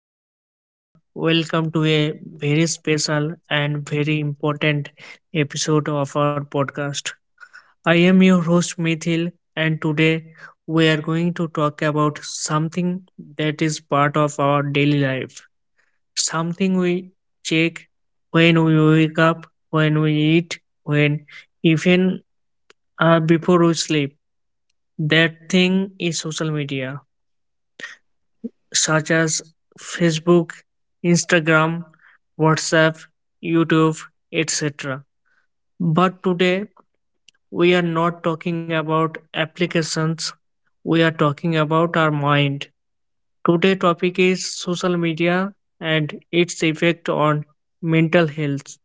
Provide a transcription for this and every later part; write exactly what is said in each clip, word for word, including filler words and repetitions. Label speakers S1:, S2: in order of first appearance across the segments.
S1: Hello everyone, welcome to a very special and very important episode of our podcast. I am your host Mithil, and today we are going to talk about something that is part of our daily life, something we check when we wake up, when we eat, when even uh, before we sleep. That thing is social media such as Facebook, Instagram, WhatsApp, YouTube, et cetera. But today we are not talking about applications, we are talking about our mind. Today topic is social media and its effect on mental health.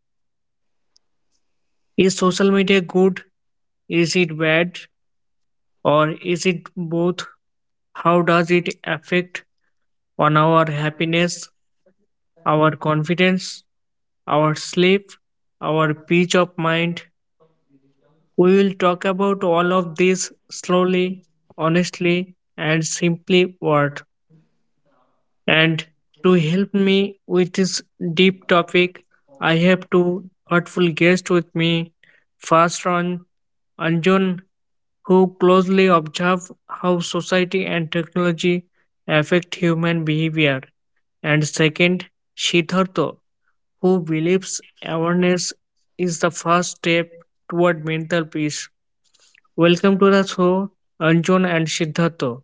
S1: Is social media good? Is it bad? Or is it both? How does it affect on our
S2: um,
S1: happiness,
S2: that is
S1: our confidence, our sleep, our peace of mind.
S2: of digital
S1: We will talk about all of this slowly, honestly, and simply word.
S2: uh,
S1: And to help me with this deep topic, I have two thoughtful guests with me. First on Anjun, who closely observe how society and technology affect human behavior. And second, Siddhartha, who believes awareness is the first step toward mental peace. Welcome to the show, Anjun and Siddhartha.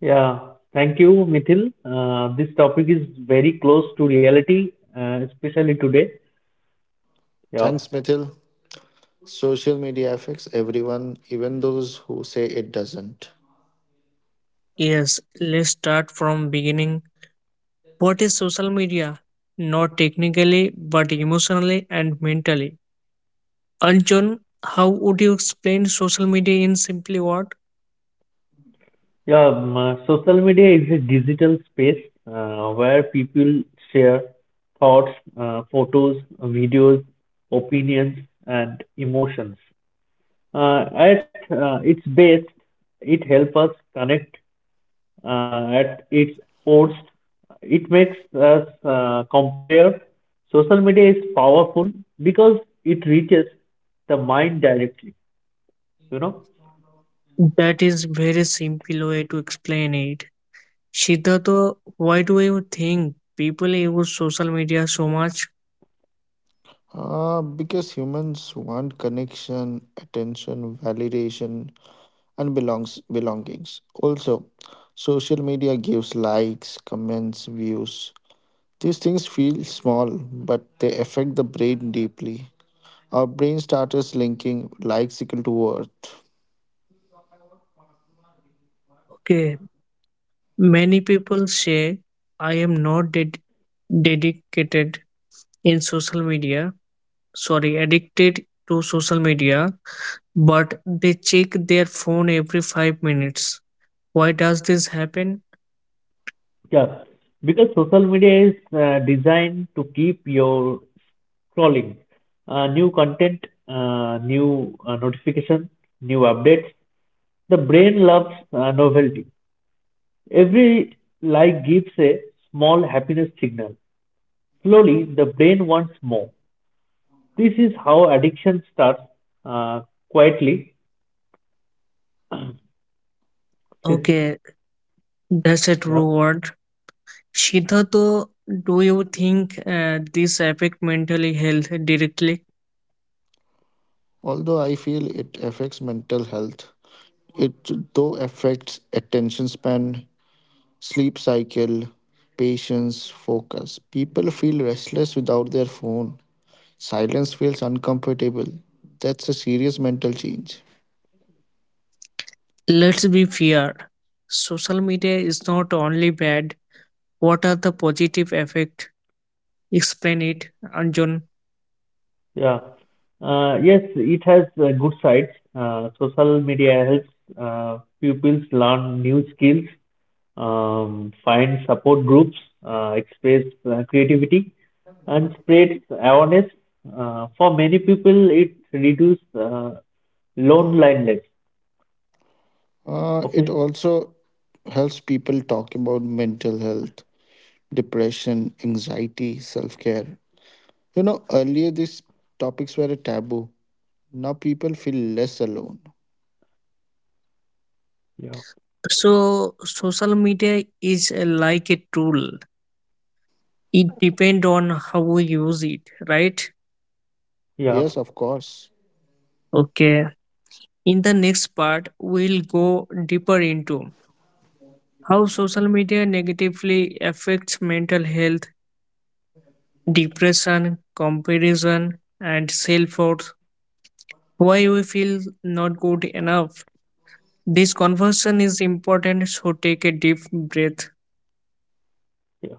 S3: Yeah, thank you, Mithil. Uh, this topic is very close to reality, uh, especially today. Yeah,
S2: Thanks, Mithil. Social media affects everyone, even those who say it doesn't.
S1: Yes, let's start from beginning. What is social media? Not technically, but emotionally and mentally. Anjan, how would you explain social media in simply word?
S3: yeah. Um, uh, social media is a digital space uh, where people share thoughts, uh, photos, videos, opinions, and emotions. Uh, at uh, its best, it helps us connect uh, at its worst, it makes us uh, compare. Social media is powerful because it reaches the mind directly, you know.
S1: That is very simple way to explain it. Siddhartha, why do you think people use social media so much?
S2: Uh, because humans want connection, attention, validation, and belongs belongings. Also, social media gives likes, comments, views. These things feel small, but they affect the brain deeply. Our brain starts linking likes equal to worth.
S1: Okay, many people say I am not ded- dedicated in social media. Sorry, addicted to social media, but they check their phone every five minutes. Why does this happen?
S3: Yeah, because social media is uh, designed to keep your scrolling, uh, new content, uh, new uh, notification, new updates. The brain loves uh, novelty. Every like gives a small happiness signal. Slowly, the brain wants more. This is how addiction starts uh, quietly. Sis-
S1: Okay, that's a
S3: yeah,
S1: true word. Shita, though, do you think uh, this affect mental health directly?
S2: Although I feel it affects mental health, it though affects attention span, sleep cycle, patience, focus. People feel restless without their phone. Silence feels uncomfortable. That's a serious mental change.
S1: Let's be fair. Social media is not only bad. What are the positive effect? Explain it, Anjan.
S3: yeah. Uh, yes, it has uh, good sides. Uh, social media helps uh, pupils learn new skills, um, find support groups, uh, express uh, creativity, and spread awareness. Uh, for many people, it reduces uh, loneliness.
S2: Uh,
S3: Okay.
S2: it also helps people talk about mental health, depression, anxiety, self care. You know, earlier these topics were a taboo. Now people feel less alone.
S3: Yeah.
S1: So, social media is uh, like a tool. It depends on how we use it, right?
S3: Yeah.
S2: Yes, of course.
S1: Okay. In the next part, we'll go deeper into how social media negatively affects mental health, depression, comparison, and self worth. Why we feel not good enough. This conversation is important, so take a deep breath.
S3: Yeah.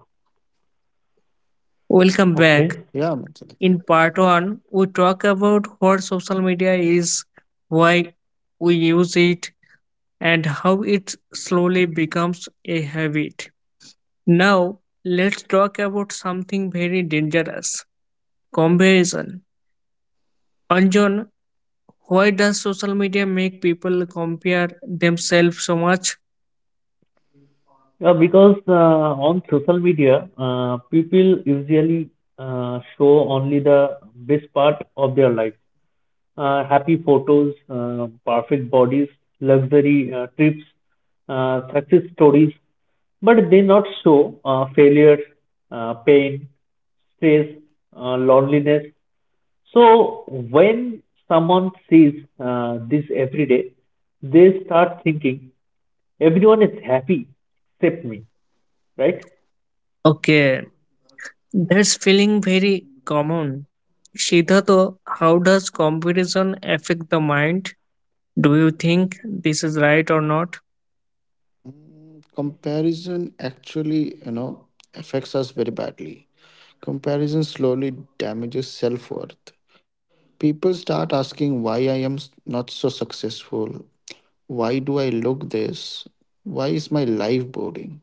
S1: Welcome
S3: Okay.
S1: back.
S2: Yeah, mental health.
S1: In part one, we talk about what social media is, why we use it, and how it slowly becomes a habit. Now, let's talk about something very dangerous comparison. And John, why does social media make people compare themselves so much?
S3: Yeah, because uh, on social media, uh, people usually uh, show only the best part of their life. Uh, happy photos, uh, perfect bodies, luxury uh, trips, uh, success stories, but they not show uh, failures, uh, pain, stress, uh, loneliness. So when someone sees uh, this every day, they start thinking everyone is happy except me, right?
S1: Okay, that's feeling very common. Siddhartha, how does comparison affect the mind? Do you think this is right or not?
S2: Comparison actually, you know, affects us very badly. Comparison slowly damages self worth. People start asking why I am s- not so successful. Why do I look this? Why is my life boring?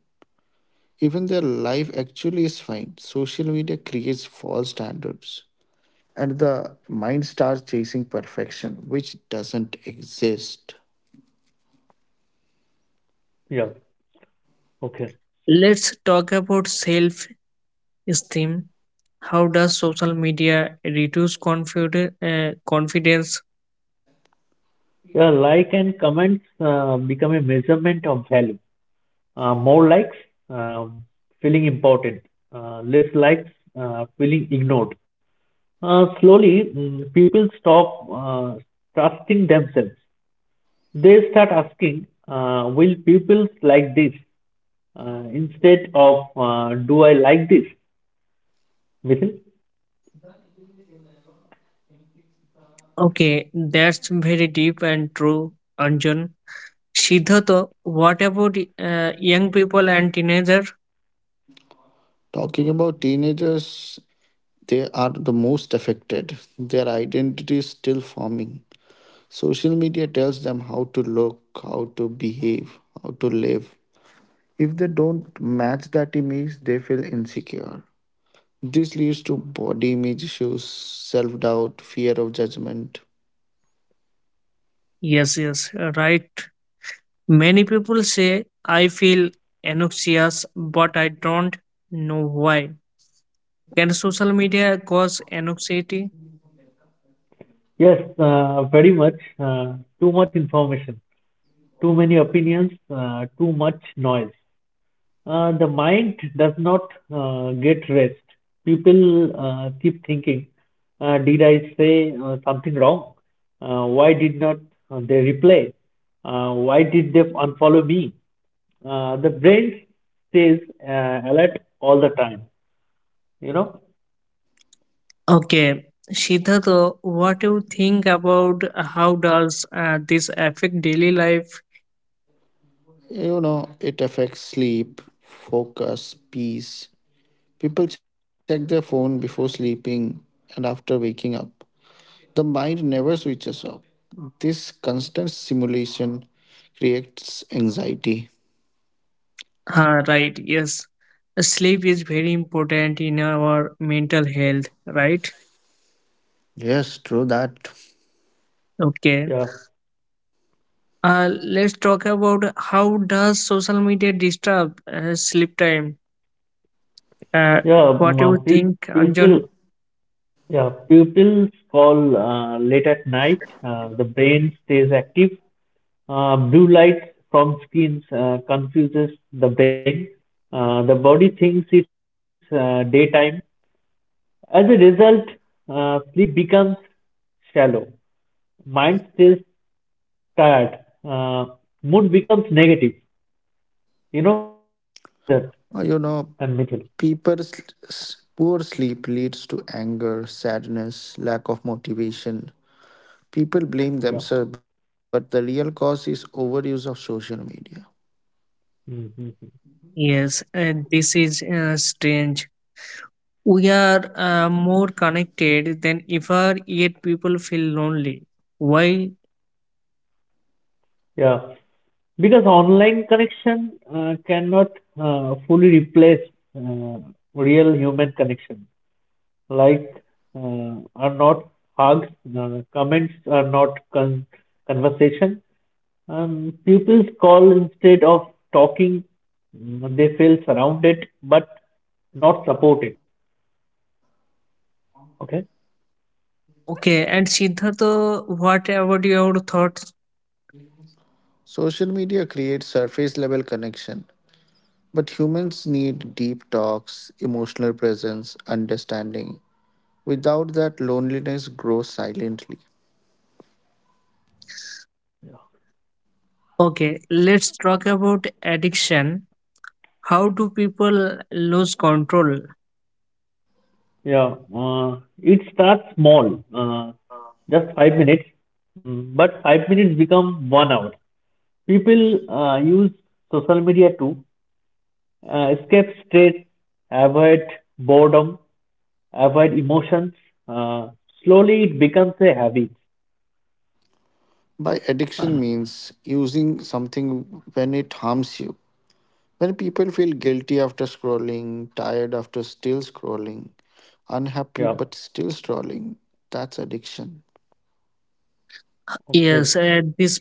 S2: Even their life actually is fine. Social media creates false standards. And the mind starts chasing perfection, which doesn't exist.
S3: Yeah. Okay.
S1: Let's talk about self esteem. How does social media reduce confide- uh, confidence?
S3: Yeah, like and comments uh, become a measurement of value. Uh, more likes, um, feeling important. Uh, less likes, uh, feeling ignored. Uh, slowly, mm, people stop uh, trusting themselves. They start asking, uh, will people like this? Uh, instead of, uh, do I like this? Mithil?
S1: Okay, that's very deep and true, Anjan. Siddhartha, what about uh, young people and teenager?
S2: Talking about teenagers, they are the most affected. Their identity is still forming. Social media tells them how to look, how to behave, how to live. If they don't match that image, they feel insecure. This leads to body image issues, self doubt, fear of judgment.
S1: Yes, yes, right. Many people say I feel anxious, but I don't know why. Can social media cause anxiety?
S3: Yes, uh, very much. Uh, too much information, too many opinions, uh, too much noise. Uh, the mind does not uh, get rest. People uh, keep thinking, uh, did I say uh, something wrong? Uh, why did not uh, they reply? Uh, why did they unfollow me? Uh, the brain stays uh, alert all the time. You know,
S1: Okay, Siddhartha, what do you think about how does uh, this affect daily life?
S2: You know, it affects sleep, focus, peace. People check their phone before sleeping and after waking up. The mind never switches off. This constant simulation creates anxiety.
S1: Ah, right, yes. Sleep is very important in our mental health, right?
S2: Yes, true that.
S1: Okay.
S3: yeah,
S1: Uh, let's talk about how does social media disturb uh, sleep time. Uh,
S3: yeah.
S1: what do you
S3: mm, pe-
S1: think, Anjan?
S3: People, yeah, pupils fall uh, late at night. Uh, the brain stays active. Uh, Blue light from screens uh, confuses the brain. Uh, The body thinks it's uh, daytime. As a result, uh, sleep becomes shallow. Mind stays tired. Uh, Mood becomes negative. You know, Siddharth and Mithil.
S2: Uh, You know, people's s- poor sleep leads to anger, sadness, lack of motivation. People
S3: Yeah.
S2: blame themselves, but the real cause is overuse of social media.
S3: Mhm.
S1: Yes, uh, this is uh, strange. We are uh, more connected than ever, yet people feel lonely. Why?
S3: Yeah. Because online connection uh, cannot uh, fully replace uh, real human connection. Like uh, are not hugs, uh, comments are not con- conversation. Um, pupils call instead of talking. Mm, They feel surrounded but not supported. Okay.
S1: Okay, and Siddhartha, what about your thoughts?
S2: Social media creates surface level connection, but humans need deep talks, emotional presence, understanding. Without that, loneliness grows silently.
S3: Yeah,
S1: Okay, let's talk about addiction. How do people lose control?
S3: yeah, uh, it starts small, uh, just five minutes, mm, but five minutes become one hour. People uh, use social media to uh, escape stress, avoid boredom, avoid emotions. Uh, Slowly it becomes a habit.
S2: By addiction means using something when it harms you. When people feel guilty after scrolling, tired after still scrolling, unhappy
S3: Yeah.
S2: but still scrolling, that's addiction.
S3: Okay.
S1: Yes, uh, this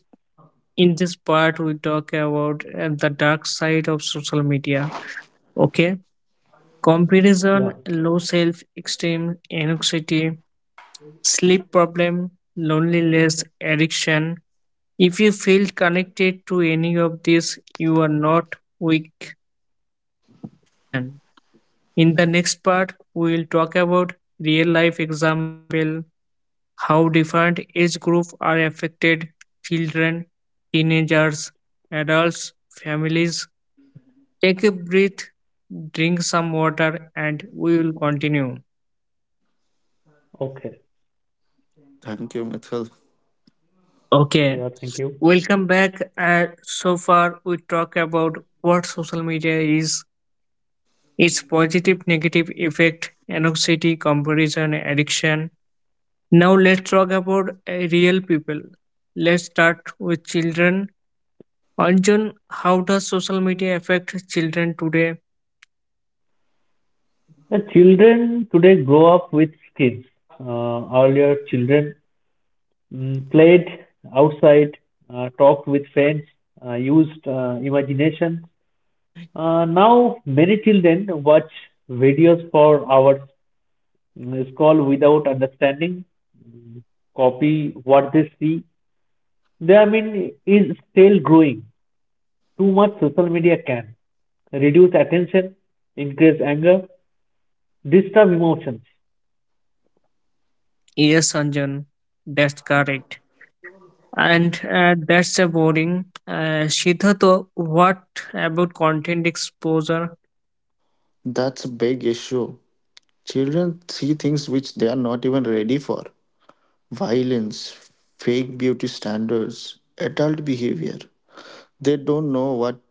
S1: in this part we talk about uh, the dark side of social media, okay, comparison,
S3: Yeah.
S1: low self esteem, anxiety, sleep problem, loneliness, addiction. If you feel connected to any of this, you are not weak, you are human. In the next part we will talk about real life example, how different age group are affected, children, teenagers, adults, families. Take a breath, drink some water, and we will continue.
S3: Okay.
S2: Thank you, Mithil.
S3: Yeah.
S1: Okay,
S3: Thank you.
S1: welcome back. Uh, so far, we talk about what social media is, its positive, negative effect, anxiety, comparison, addiction. Now, let's talk about uh, real people. Let's start with children. Anjan, how does social media affect children today?
S3: The children today grow up with screens. Uh, earlier, children mm, played outside, uh, talked with friends, uh, used uh, imagination. Uh, now, many children watch videos for hours, mm, scroll without understanding, mm, copy what they see. The I mean is still growing. Too much social media can reduce attention, increase anger, disturb emotions.
S1: Yes, Anjan, that's correct. And uh, that's a boring. Uh, Siddhartha, what about content exposure?
S2: That's a big issue. Children see things which they are not even ready for: violence, fake beauty standards, adult behavior. They don't know what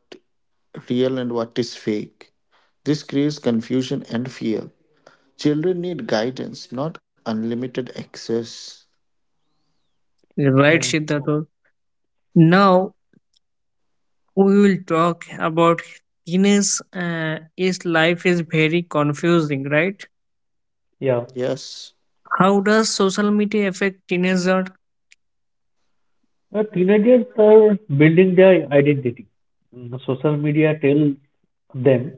S2: real and what is fake. This creates confusion and fear. Children need guidance, not unlimited access.
S1: Right,
S3: Yeah,
S1: Siddhartha. Now we will talk about teenage uh, is life is very confusing, right?
S3: yeah.
S2: Yes.
S1: How does social media affect teenager?
S3: Uh, teenagers are building their identity. Mm, Social media tells them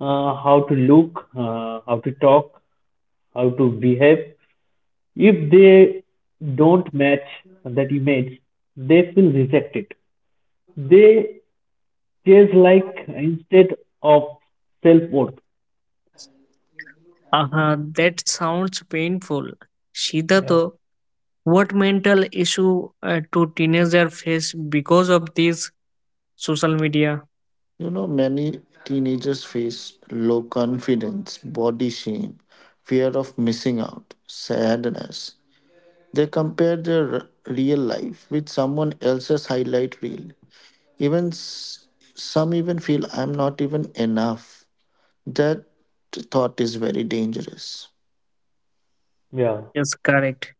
S3: uh, how to look, uh, how to talk, how to behave. If they don't match that image, they feel rejected. They chase like instead of self worth.
S1: Uh-huh, that sounds painful.
S3: Yeah,
S1: Siddhartha, what mental issue uh, do teenager face because of this social media?
S2: You know, many teenagers face low confidence, body shame, fear of missing out, sadness. They compare their r- real life with someone else's highlight reel. Even s- some even feel I'm not even enough. That thought is very dangerous.
S3: yeah,
S1: Yes, correct.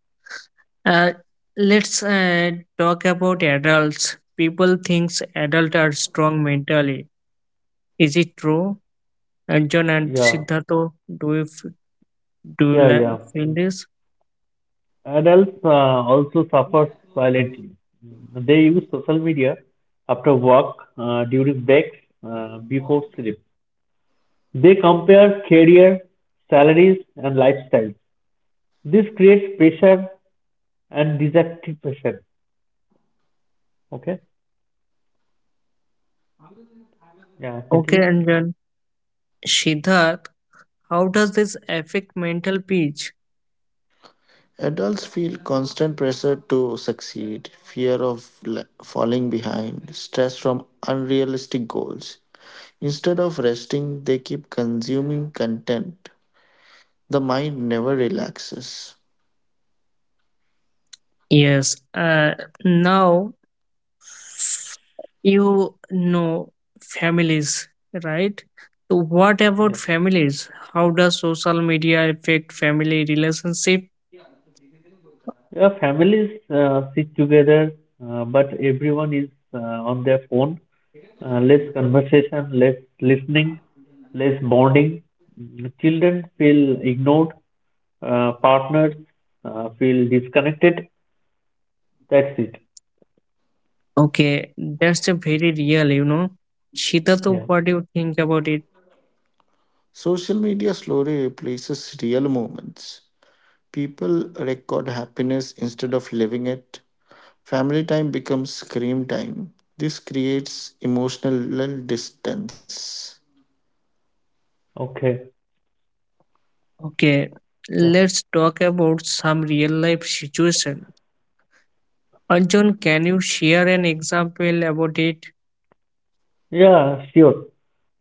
S1: Uh, let's uh, talk about adults. People thinks adults are strong mentally. Is it true? Anjan and
S3: yeah,
S1: Siddharth, do you, f- do you
S3: yeah,
S1: li-
S3: yeah. Mm.
S1: feel this?
S3: Adults uh, also suffer silently. Mm. They use social media after work, uh, during breaks, uh, before sleep. They compare career, salaries, and lifestyles. This creates pressure and dissatisfaction. Okay, yeah,
S1: Okay,
S3: Senthil?
S1: Anjan. Siddharth, how does this affect mental peace?
S2: Adults feel constant pressure to succeed, fear of le- falling behind, stress from unrealistic goals. Instead of resting, they keep consuming content. The mind never relaxes.
S1: Yes. Uh, now, you know families, right? So what about
S3: Yeah,
S1: families? How does social media affect family relationship?
S3: yeah. Families uh, sit together, uh, but everyone is uh, on their phone. Uh, less conversation, less listening, less bonding. Mm, Children feel ignored, uh, partners uh, feel disconnected. That's it.
S1: Okay, that's a very real, you know. Shita, so
S3: Yeah.
S1: what do you think about it?
S2: Social media slowly replaces real moments. People record happiness instead of living it. Family time becomes screen time. This creates emotional distance.
S3: Okay.
S1: Okay,
S3: Yeah.
S1: let's talk about some real life situation. Anjan, can you share an example about it?
S3: Yeah, sure.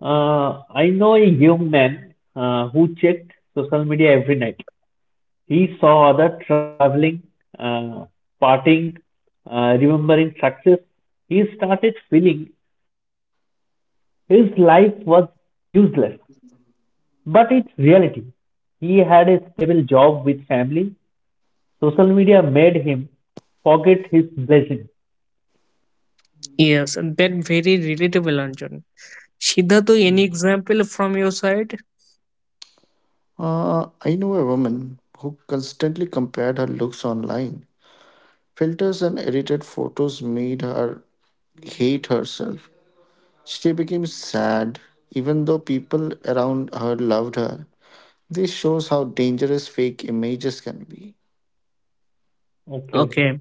S3: Uh, I know a young man uh, who checked social media every night. He saw other traveling, uh, partying, uh, remembering success. He started feeling his life was useless, but it's reality. He had a stable job with family. Social media made him forget his blessing.
S1: Yes, that very relatable, Anjan. Shida, to any
S3: Mm.
S1: example from your side?
S2: Uh, I know a woman who constantly compared her looks online. Filters and edited photos made her hate herself. She became sad, even though people around her loved her. This shows how dangerous fake images can be.
S3: Okay.
S1: Okay,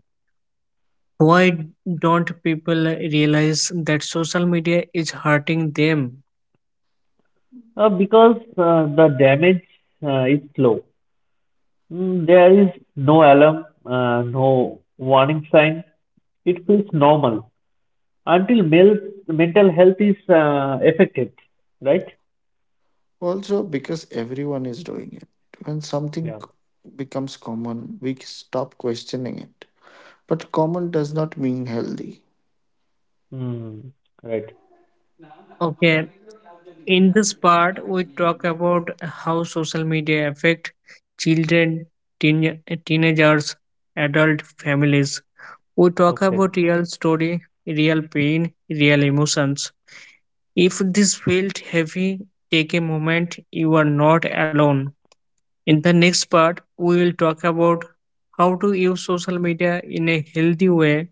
S1: why don't people realize that social media is hurting them?
S3: uh, because uh, the damage uh, is slow. Mm, there is no alarm, uh, no warning sign. It feels normal until male mental health is uh, affected, right?
S2: Also, because everyone is doing it. When something
S3: Yeah.
S2: c- becomes common, we stop questioning it. But common does not mean healthy,
S3: Mm, right.
S1: Okay, in this part, we talk about how social media affect children, teen- teenagers, adult families. We talk
S3: Okay.
S1: about real story, real pain, real emotions. If this felt heavy, take a moment. You are not alone. In the next part, we will talk about how to use social media in a healthy way,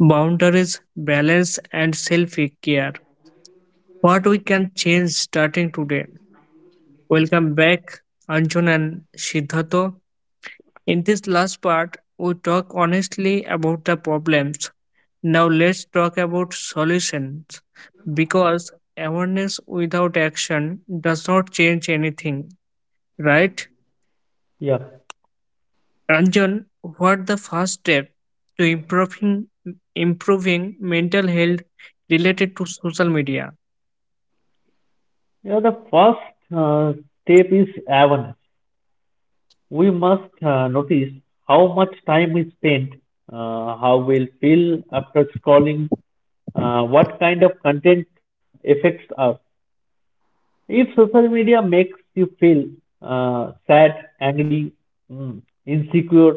S1: boundaries, balance, and self care. What we can change starting today. Welcome back, Anjun and Siddhartho. In this last part, we talk honestly about the problems. Now let's talk about solutions, because awareness without action does not change anything, right?
S3: Yeah.
S1: Anjun, what the first step to improving improving mental health related to social media?
S3: Yeah. The first uh, step is awareness. We must uh, notice how much time is spent, uh, how we'll feel after scrolling, uh, what kind of content affects us. If social media makes you feel uh, sad, angry, mm, insecure,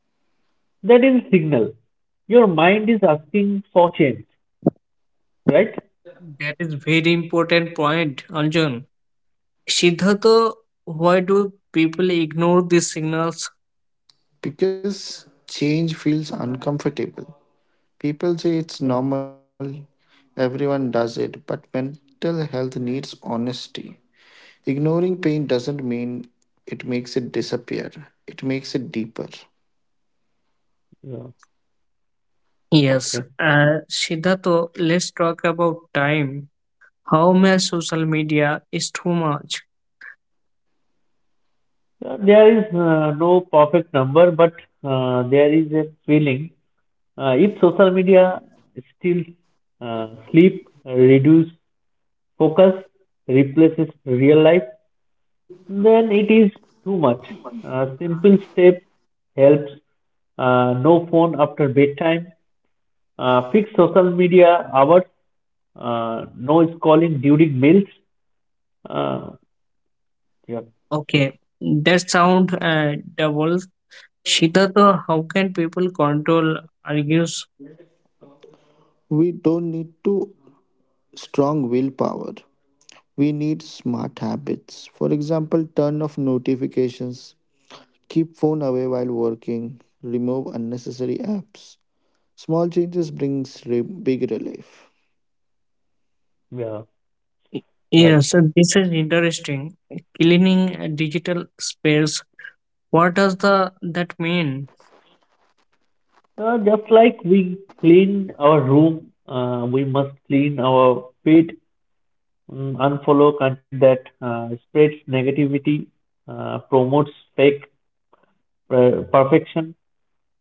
S3: that is a signal. Your mind is asking for change, right?
S1: That is very important point, Anjun. Siddhartha, why do people ignore these signals?
S2: because change feels uncomfortable. People say it's
S3: Yeah,
S2: normal, everyone does it, but mental health needs honesty. Ignoring pain doesn't mean it makes it disappear, it makes it deeper.
S3: yeah,
S1: Yes,
S3: okay.
S1: uh, Siddhartha, let's talk about time. How much social media is too much?
S3: Uh, There is uh, no perfect number, but uh, there is a feeling. Uh, if social media still uh, sleep, reduce focus, replaces real life, then it is too much. Uh, simple steps helps. Uh, no phone after bedtime. Uh, fix social media hours. Uh, no scrolling during meals. Uh, yeah,
S1: Okay, that sound uh, double. Siddhartha, how can people control argues?
S2: We don't need to strong willpower. We need smart habits. For example, turn off notifications, keep phone away while working, remove unnecessary apps. Small changes brings re- big relief.
S3: yeah, right.
S1: Yes, uh, this is interesting. Cleaning uh, digital space. What does the that mean?
S3: Uh, just like we clean our room, uh, we must clean our pet. Mm, unfollow content that uh, spreads negativity, uh, promotes fake per- perfection,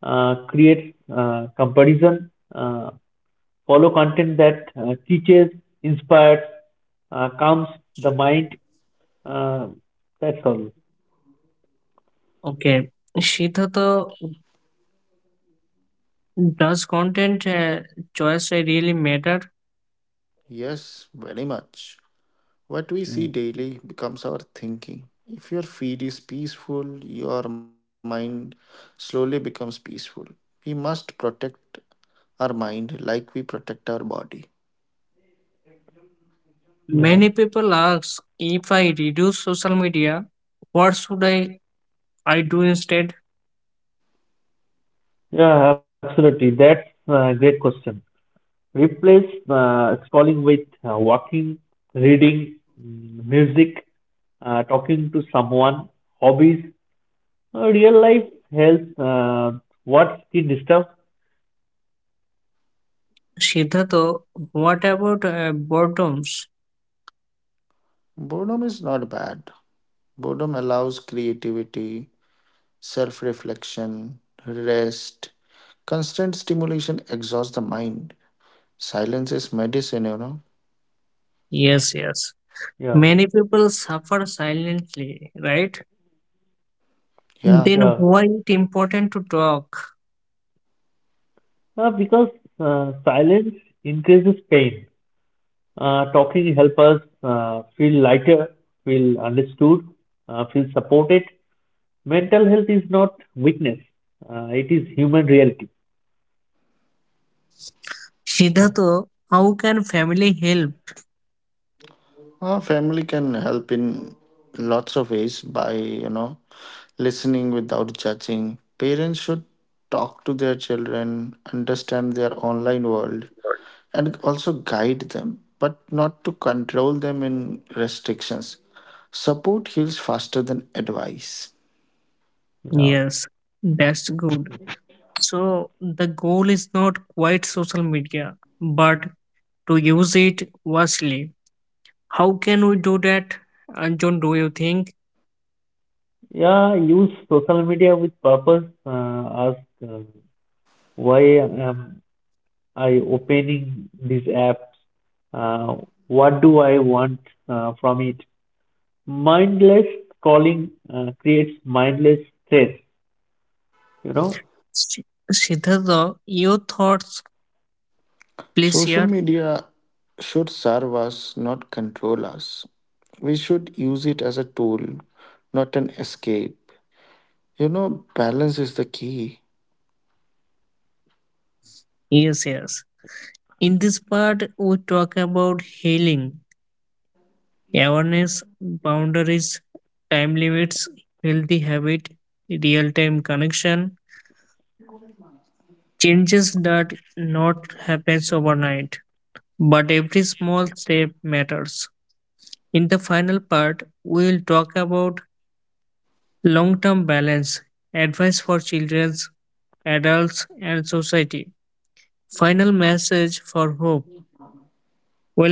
S3: uh, creates uh, comparison. Uh, follow content that uh, teaches, inspires, uh, calms the mind. Uh, that's all.
S1: Okay, Siddhartha, does content uh, choice really matter?
S2: Yes, very much. What we see
S3: Mm,
S2: daily becomes our thinking. If your feed is peaceful, your mind slowly becomes peaceful. We must protect our mind like we protect our body.
S3: yeah.
S1: Many people ask if I reduce social media, what should I, I do instead?
S3: Yeah, absolutely. That's a great question. Replace uh, scrolling with uh, walking, reading, mm, music, uh, talking to someone, hobbies. Uh, real life health, uh, what's the disturb?
S1: Siddhartha, what about uh, boredoms?
S2: Boredom is not bad. Boredom allows creativity, self reflection, rest. Constant stimulation exhausts the mind. Silence is medicine, you know.
S1: Yes,
S3: Yeah,
S1: yes.
S3: yeah,
S1: Many people suffer silently, right? Then
S2: Yeah.
S3: yeah.
S1: why it important to talk?
S3: Uh, because uh, silence increases pain. Uh, talking helps us uh, feel lighter, feel understood, uh, feel supported. Mental health is not weakness. Uh, it is human reality. Yeah,
S1: Siddhartha, how can family help?
S2: Our family can help in lots of ways by, you know, listening without judging. Parents should talk to their children, understand their online world, and also guide them, but not to control them in restrictions. Support heals faster than advice.
S3: yeah.
S1: Yes, that's good. So the goal is not quite social media, but to use it wisely. How can we do that, uh, John? Do you think?
S3: Yeah, use social media with purpose. Uh, ask uh, why I am I opening these apps? Uh, what do I want uh, from it? Mindless calling uh, creates mindless stress. You know?
S1: S- Siddhartha, your thoughts, please
S2: Social
S1: share.
S2: media should serve us, not control us. We should use it as a tool, not an escape. You know, balance is the key.
S1: Yes, yes. In this part, we talk about healing, awareness, boundaries, time limits, healthy habit, real-time connection, changes that not happens overnight, but every small step matters. In the final part, we will talk about long term balance advice for children, adults, and society. Final message for hope.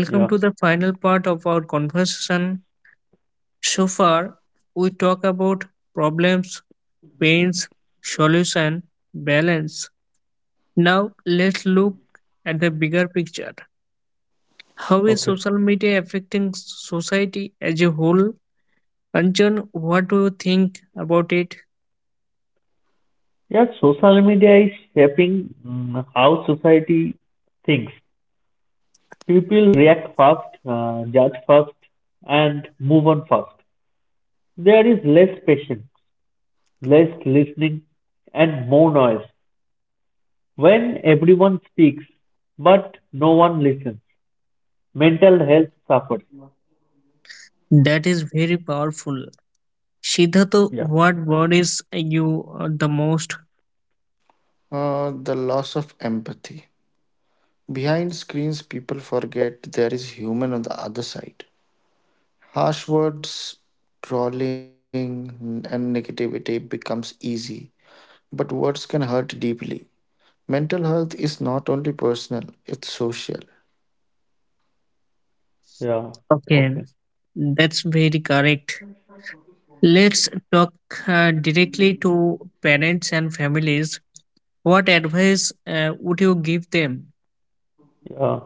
S3: Yeah.
S1: to the final part of our conversation. So far, we talk about problems, pains, solution, balance. Now, let's look at the bigger picture. How is
S3: Okay.
S1: social media affecting society as a whole? Anjan, what do you think about it?
S3: Yeah. Social media is shaping mm, how society thinks. People react fast, uh, judge fast, and move on fast. There is less patience, less listening, and more noise. When everyone speaks, but no one listens, mental health suffers.
S1: That is very powerful. Siddharth,
S3: Yeah.
S1: what worries you uh, the most?
S2: Uh, the loss of empathy. Behind screens, people forget there is human on the other side. Harsh words, trolling, and negativity becomes easy, but words can hurt deeply. Mental health is not only personal, it's social.
S3: Yeah.
S1: Okay,
S3: Okay.
S1: that's very correct. Let's talk uh, directly to parents and families. What advice uh, would you give them?
S3: Yeah.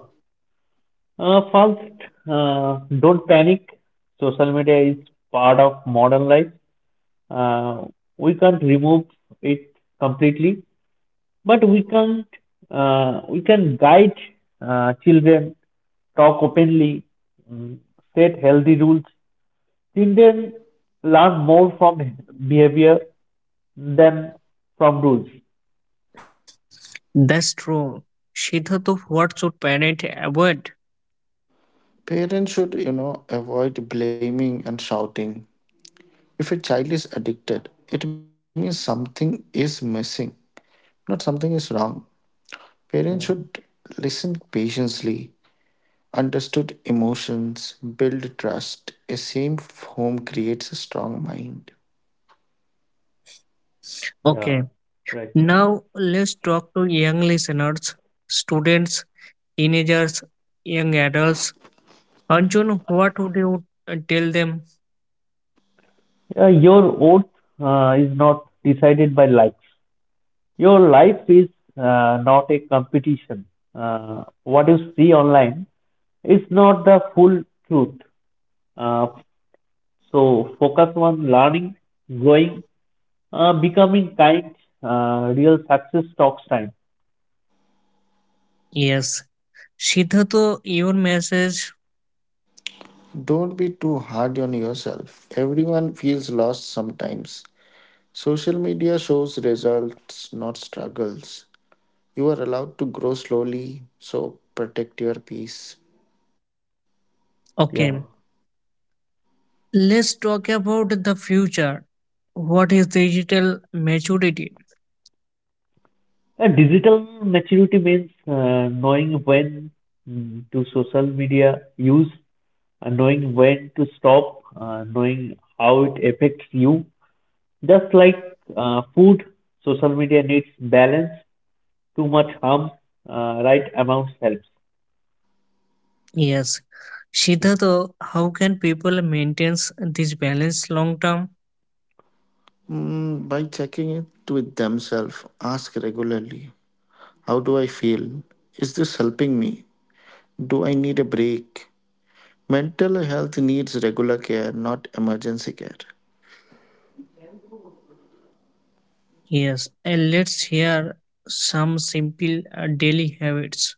S3: Uh, first, uh, don't panic. Social media is part of modern life. Uh, we can't remove it completely, but we can't. Uh, we can guide uh, children, talk openly, mm, set healthy rules. Children learn more from behavior than from rules.
S1: That's true. Siddharth, what should parent avoid?
S2: Parents should, you know, avoid blaming and shouting. If a child is addicted, it means something is missing, not something is wrong. Parents should
S3: Yeah.
S2: listen patiently. Understood emotions build trust. A safe home creates a strong mind.
S3: Yeah.
S1: Okay,
S3: Right.
S1: now let's talk to young listeners, students, teenagers, young adults. Arjun, what would you uh, tell them?
S3: Uh, your oath uh, is not decided by likes. Your life is uh, not a competition. Uh, what you see online is not the full truth. Uh, so focus on learning, growing, uh, becoming kind. Uh, real success talks time.
S1: Yes, Shidhato, your message.
S2: Don't be too hard on yourself. Everyone feels lost sometimes. Social media shows results, not struggles. You are allowed to grow slowly, so protect your peace.
S3: Yeah.
S1: Okay, let's talk about the future. What is digital maturity?
S3: And digital maturity means uh, knowing when mm, to social media use, uh, knowing when to stop, uh, knowing how it affects you. Just like uh, food, social media needs balance. Too much harm, uh, right amount helps.
S1: Yes.
S3: Yeah.
S1: Shidhato, how can people maintain this balance long term?
S2: Mm, by checking it with themselves, ask regularly. How do I feel? Is this helping me? Do I need a break? Mental health needs regular care, not emergency care.
S1: Yes, and let's hear some simple uh, daily habits.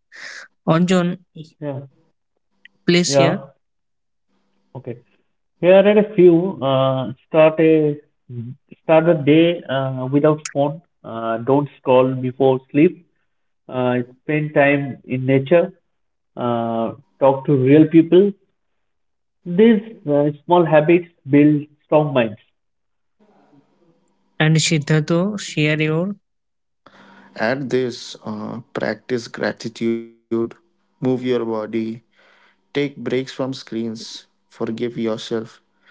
S1: Anjan,
S3: Yeah.
S1: please share.
S3: Yeah. Okay. Here are a few. Uh, start a start a day uh, without phone. Uh, don't scroll before sleep. Uh, Spend time in nature. Uh, Talk to real people. These uh, small habits build strong minds.
S1: And Shidhato, share your.
S2: Add this, uh, practice gratitude, move your body, take breaks from screens, forgive yourself.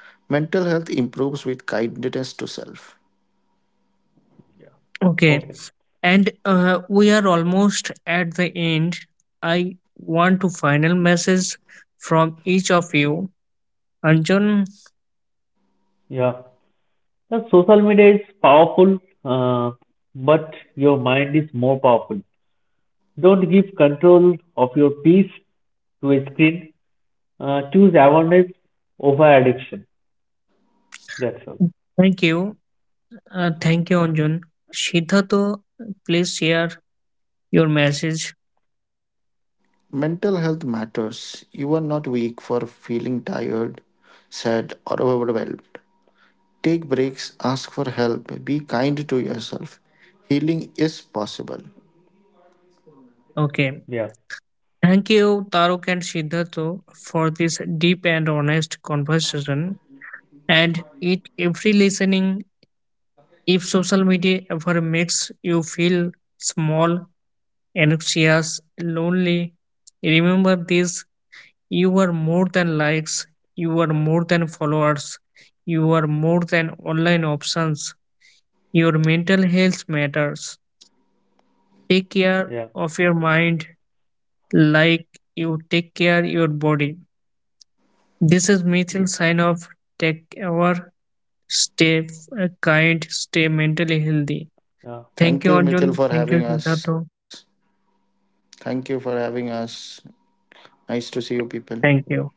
S2: Mental health improves with kindness to self.
S3: Yeah.
S1: Okay,
S3: Okay.
S1: and uh, we are almost at the end. I want to final message from each of you. Anjun,
S3: Yeah. The social media is powerful, uh, but your mind is more powerful. Don't give control of your peace to a screen. Uh, choose awareness over addiction. That's all.
S1: thank you. Uh, thank you, Anjun. Siddharth, please share your message.
S2: Mental health matters. You are not weak for feeling tired, sad, or overwhelmed. Take breaks, ask for help, be kind to yourself. Healing is possible.
S1: Okay.
S3: Yeah,
S1: Thank you, Taruk and Siddharth, for this deep and honest conversation. And it every listening, if social media ever makes you feel small, anxious, lonely, remember this: you are more than likes, you are more than followers, you are more than online options. Your mental health matters. Take care
S3: yeah,
S1: of your mind like you take care your body. This is Mitchell
S3: yeah,
S1: sign off. Take care, stay uh, kind, stay mentally healthy.
S3: yeah.
S1: Thank
S2: Thank
S1: you,
S2: you,
S3: Thank you
S2: Mithil,
S3: so
S1: Arjun.
S2: for
S3: much.
S1: Thank
S3: Yeah.
S1: you,
S2: having us.
S1: Siddhartha.
S2: Thank you for having us. Nice to see you people.
S1: Thank you.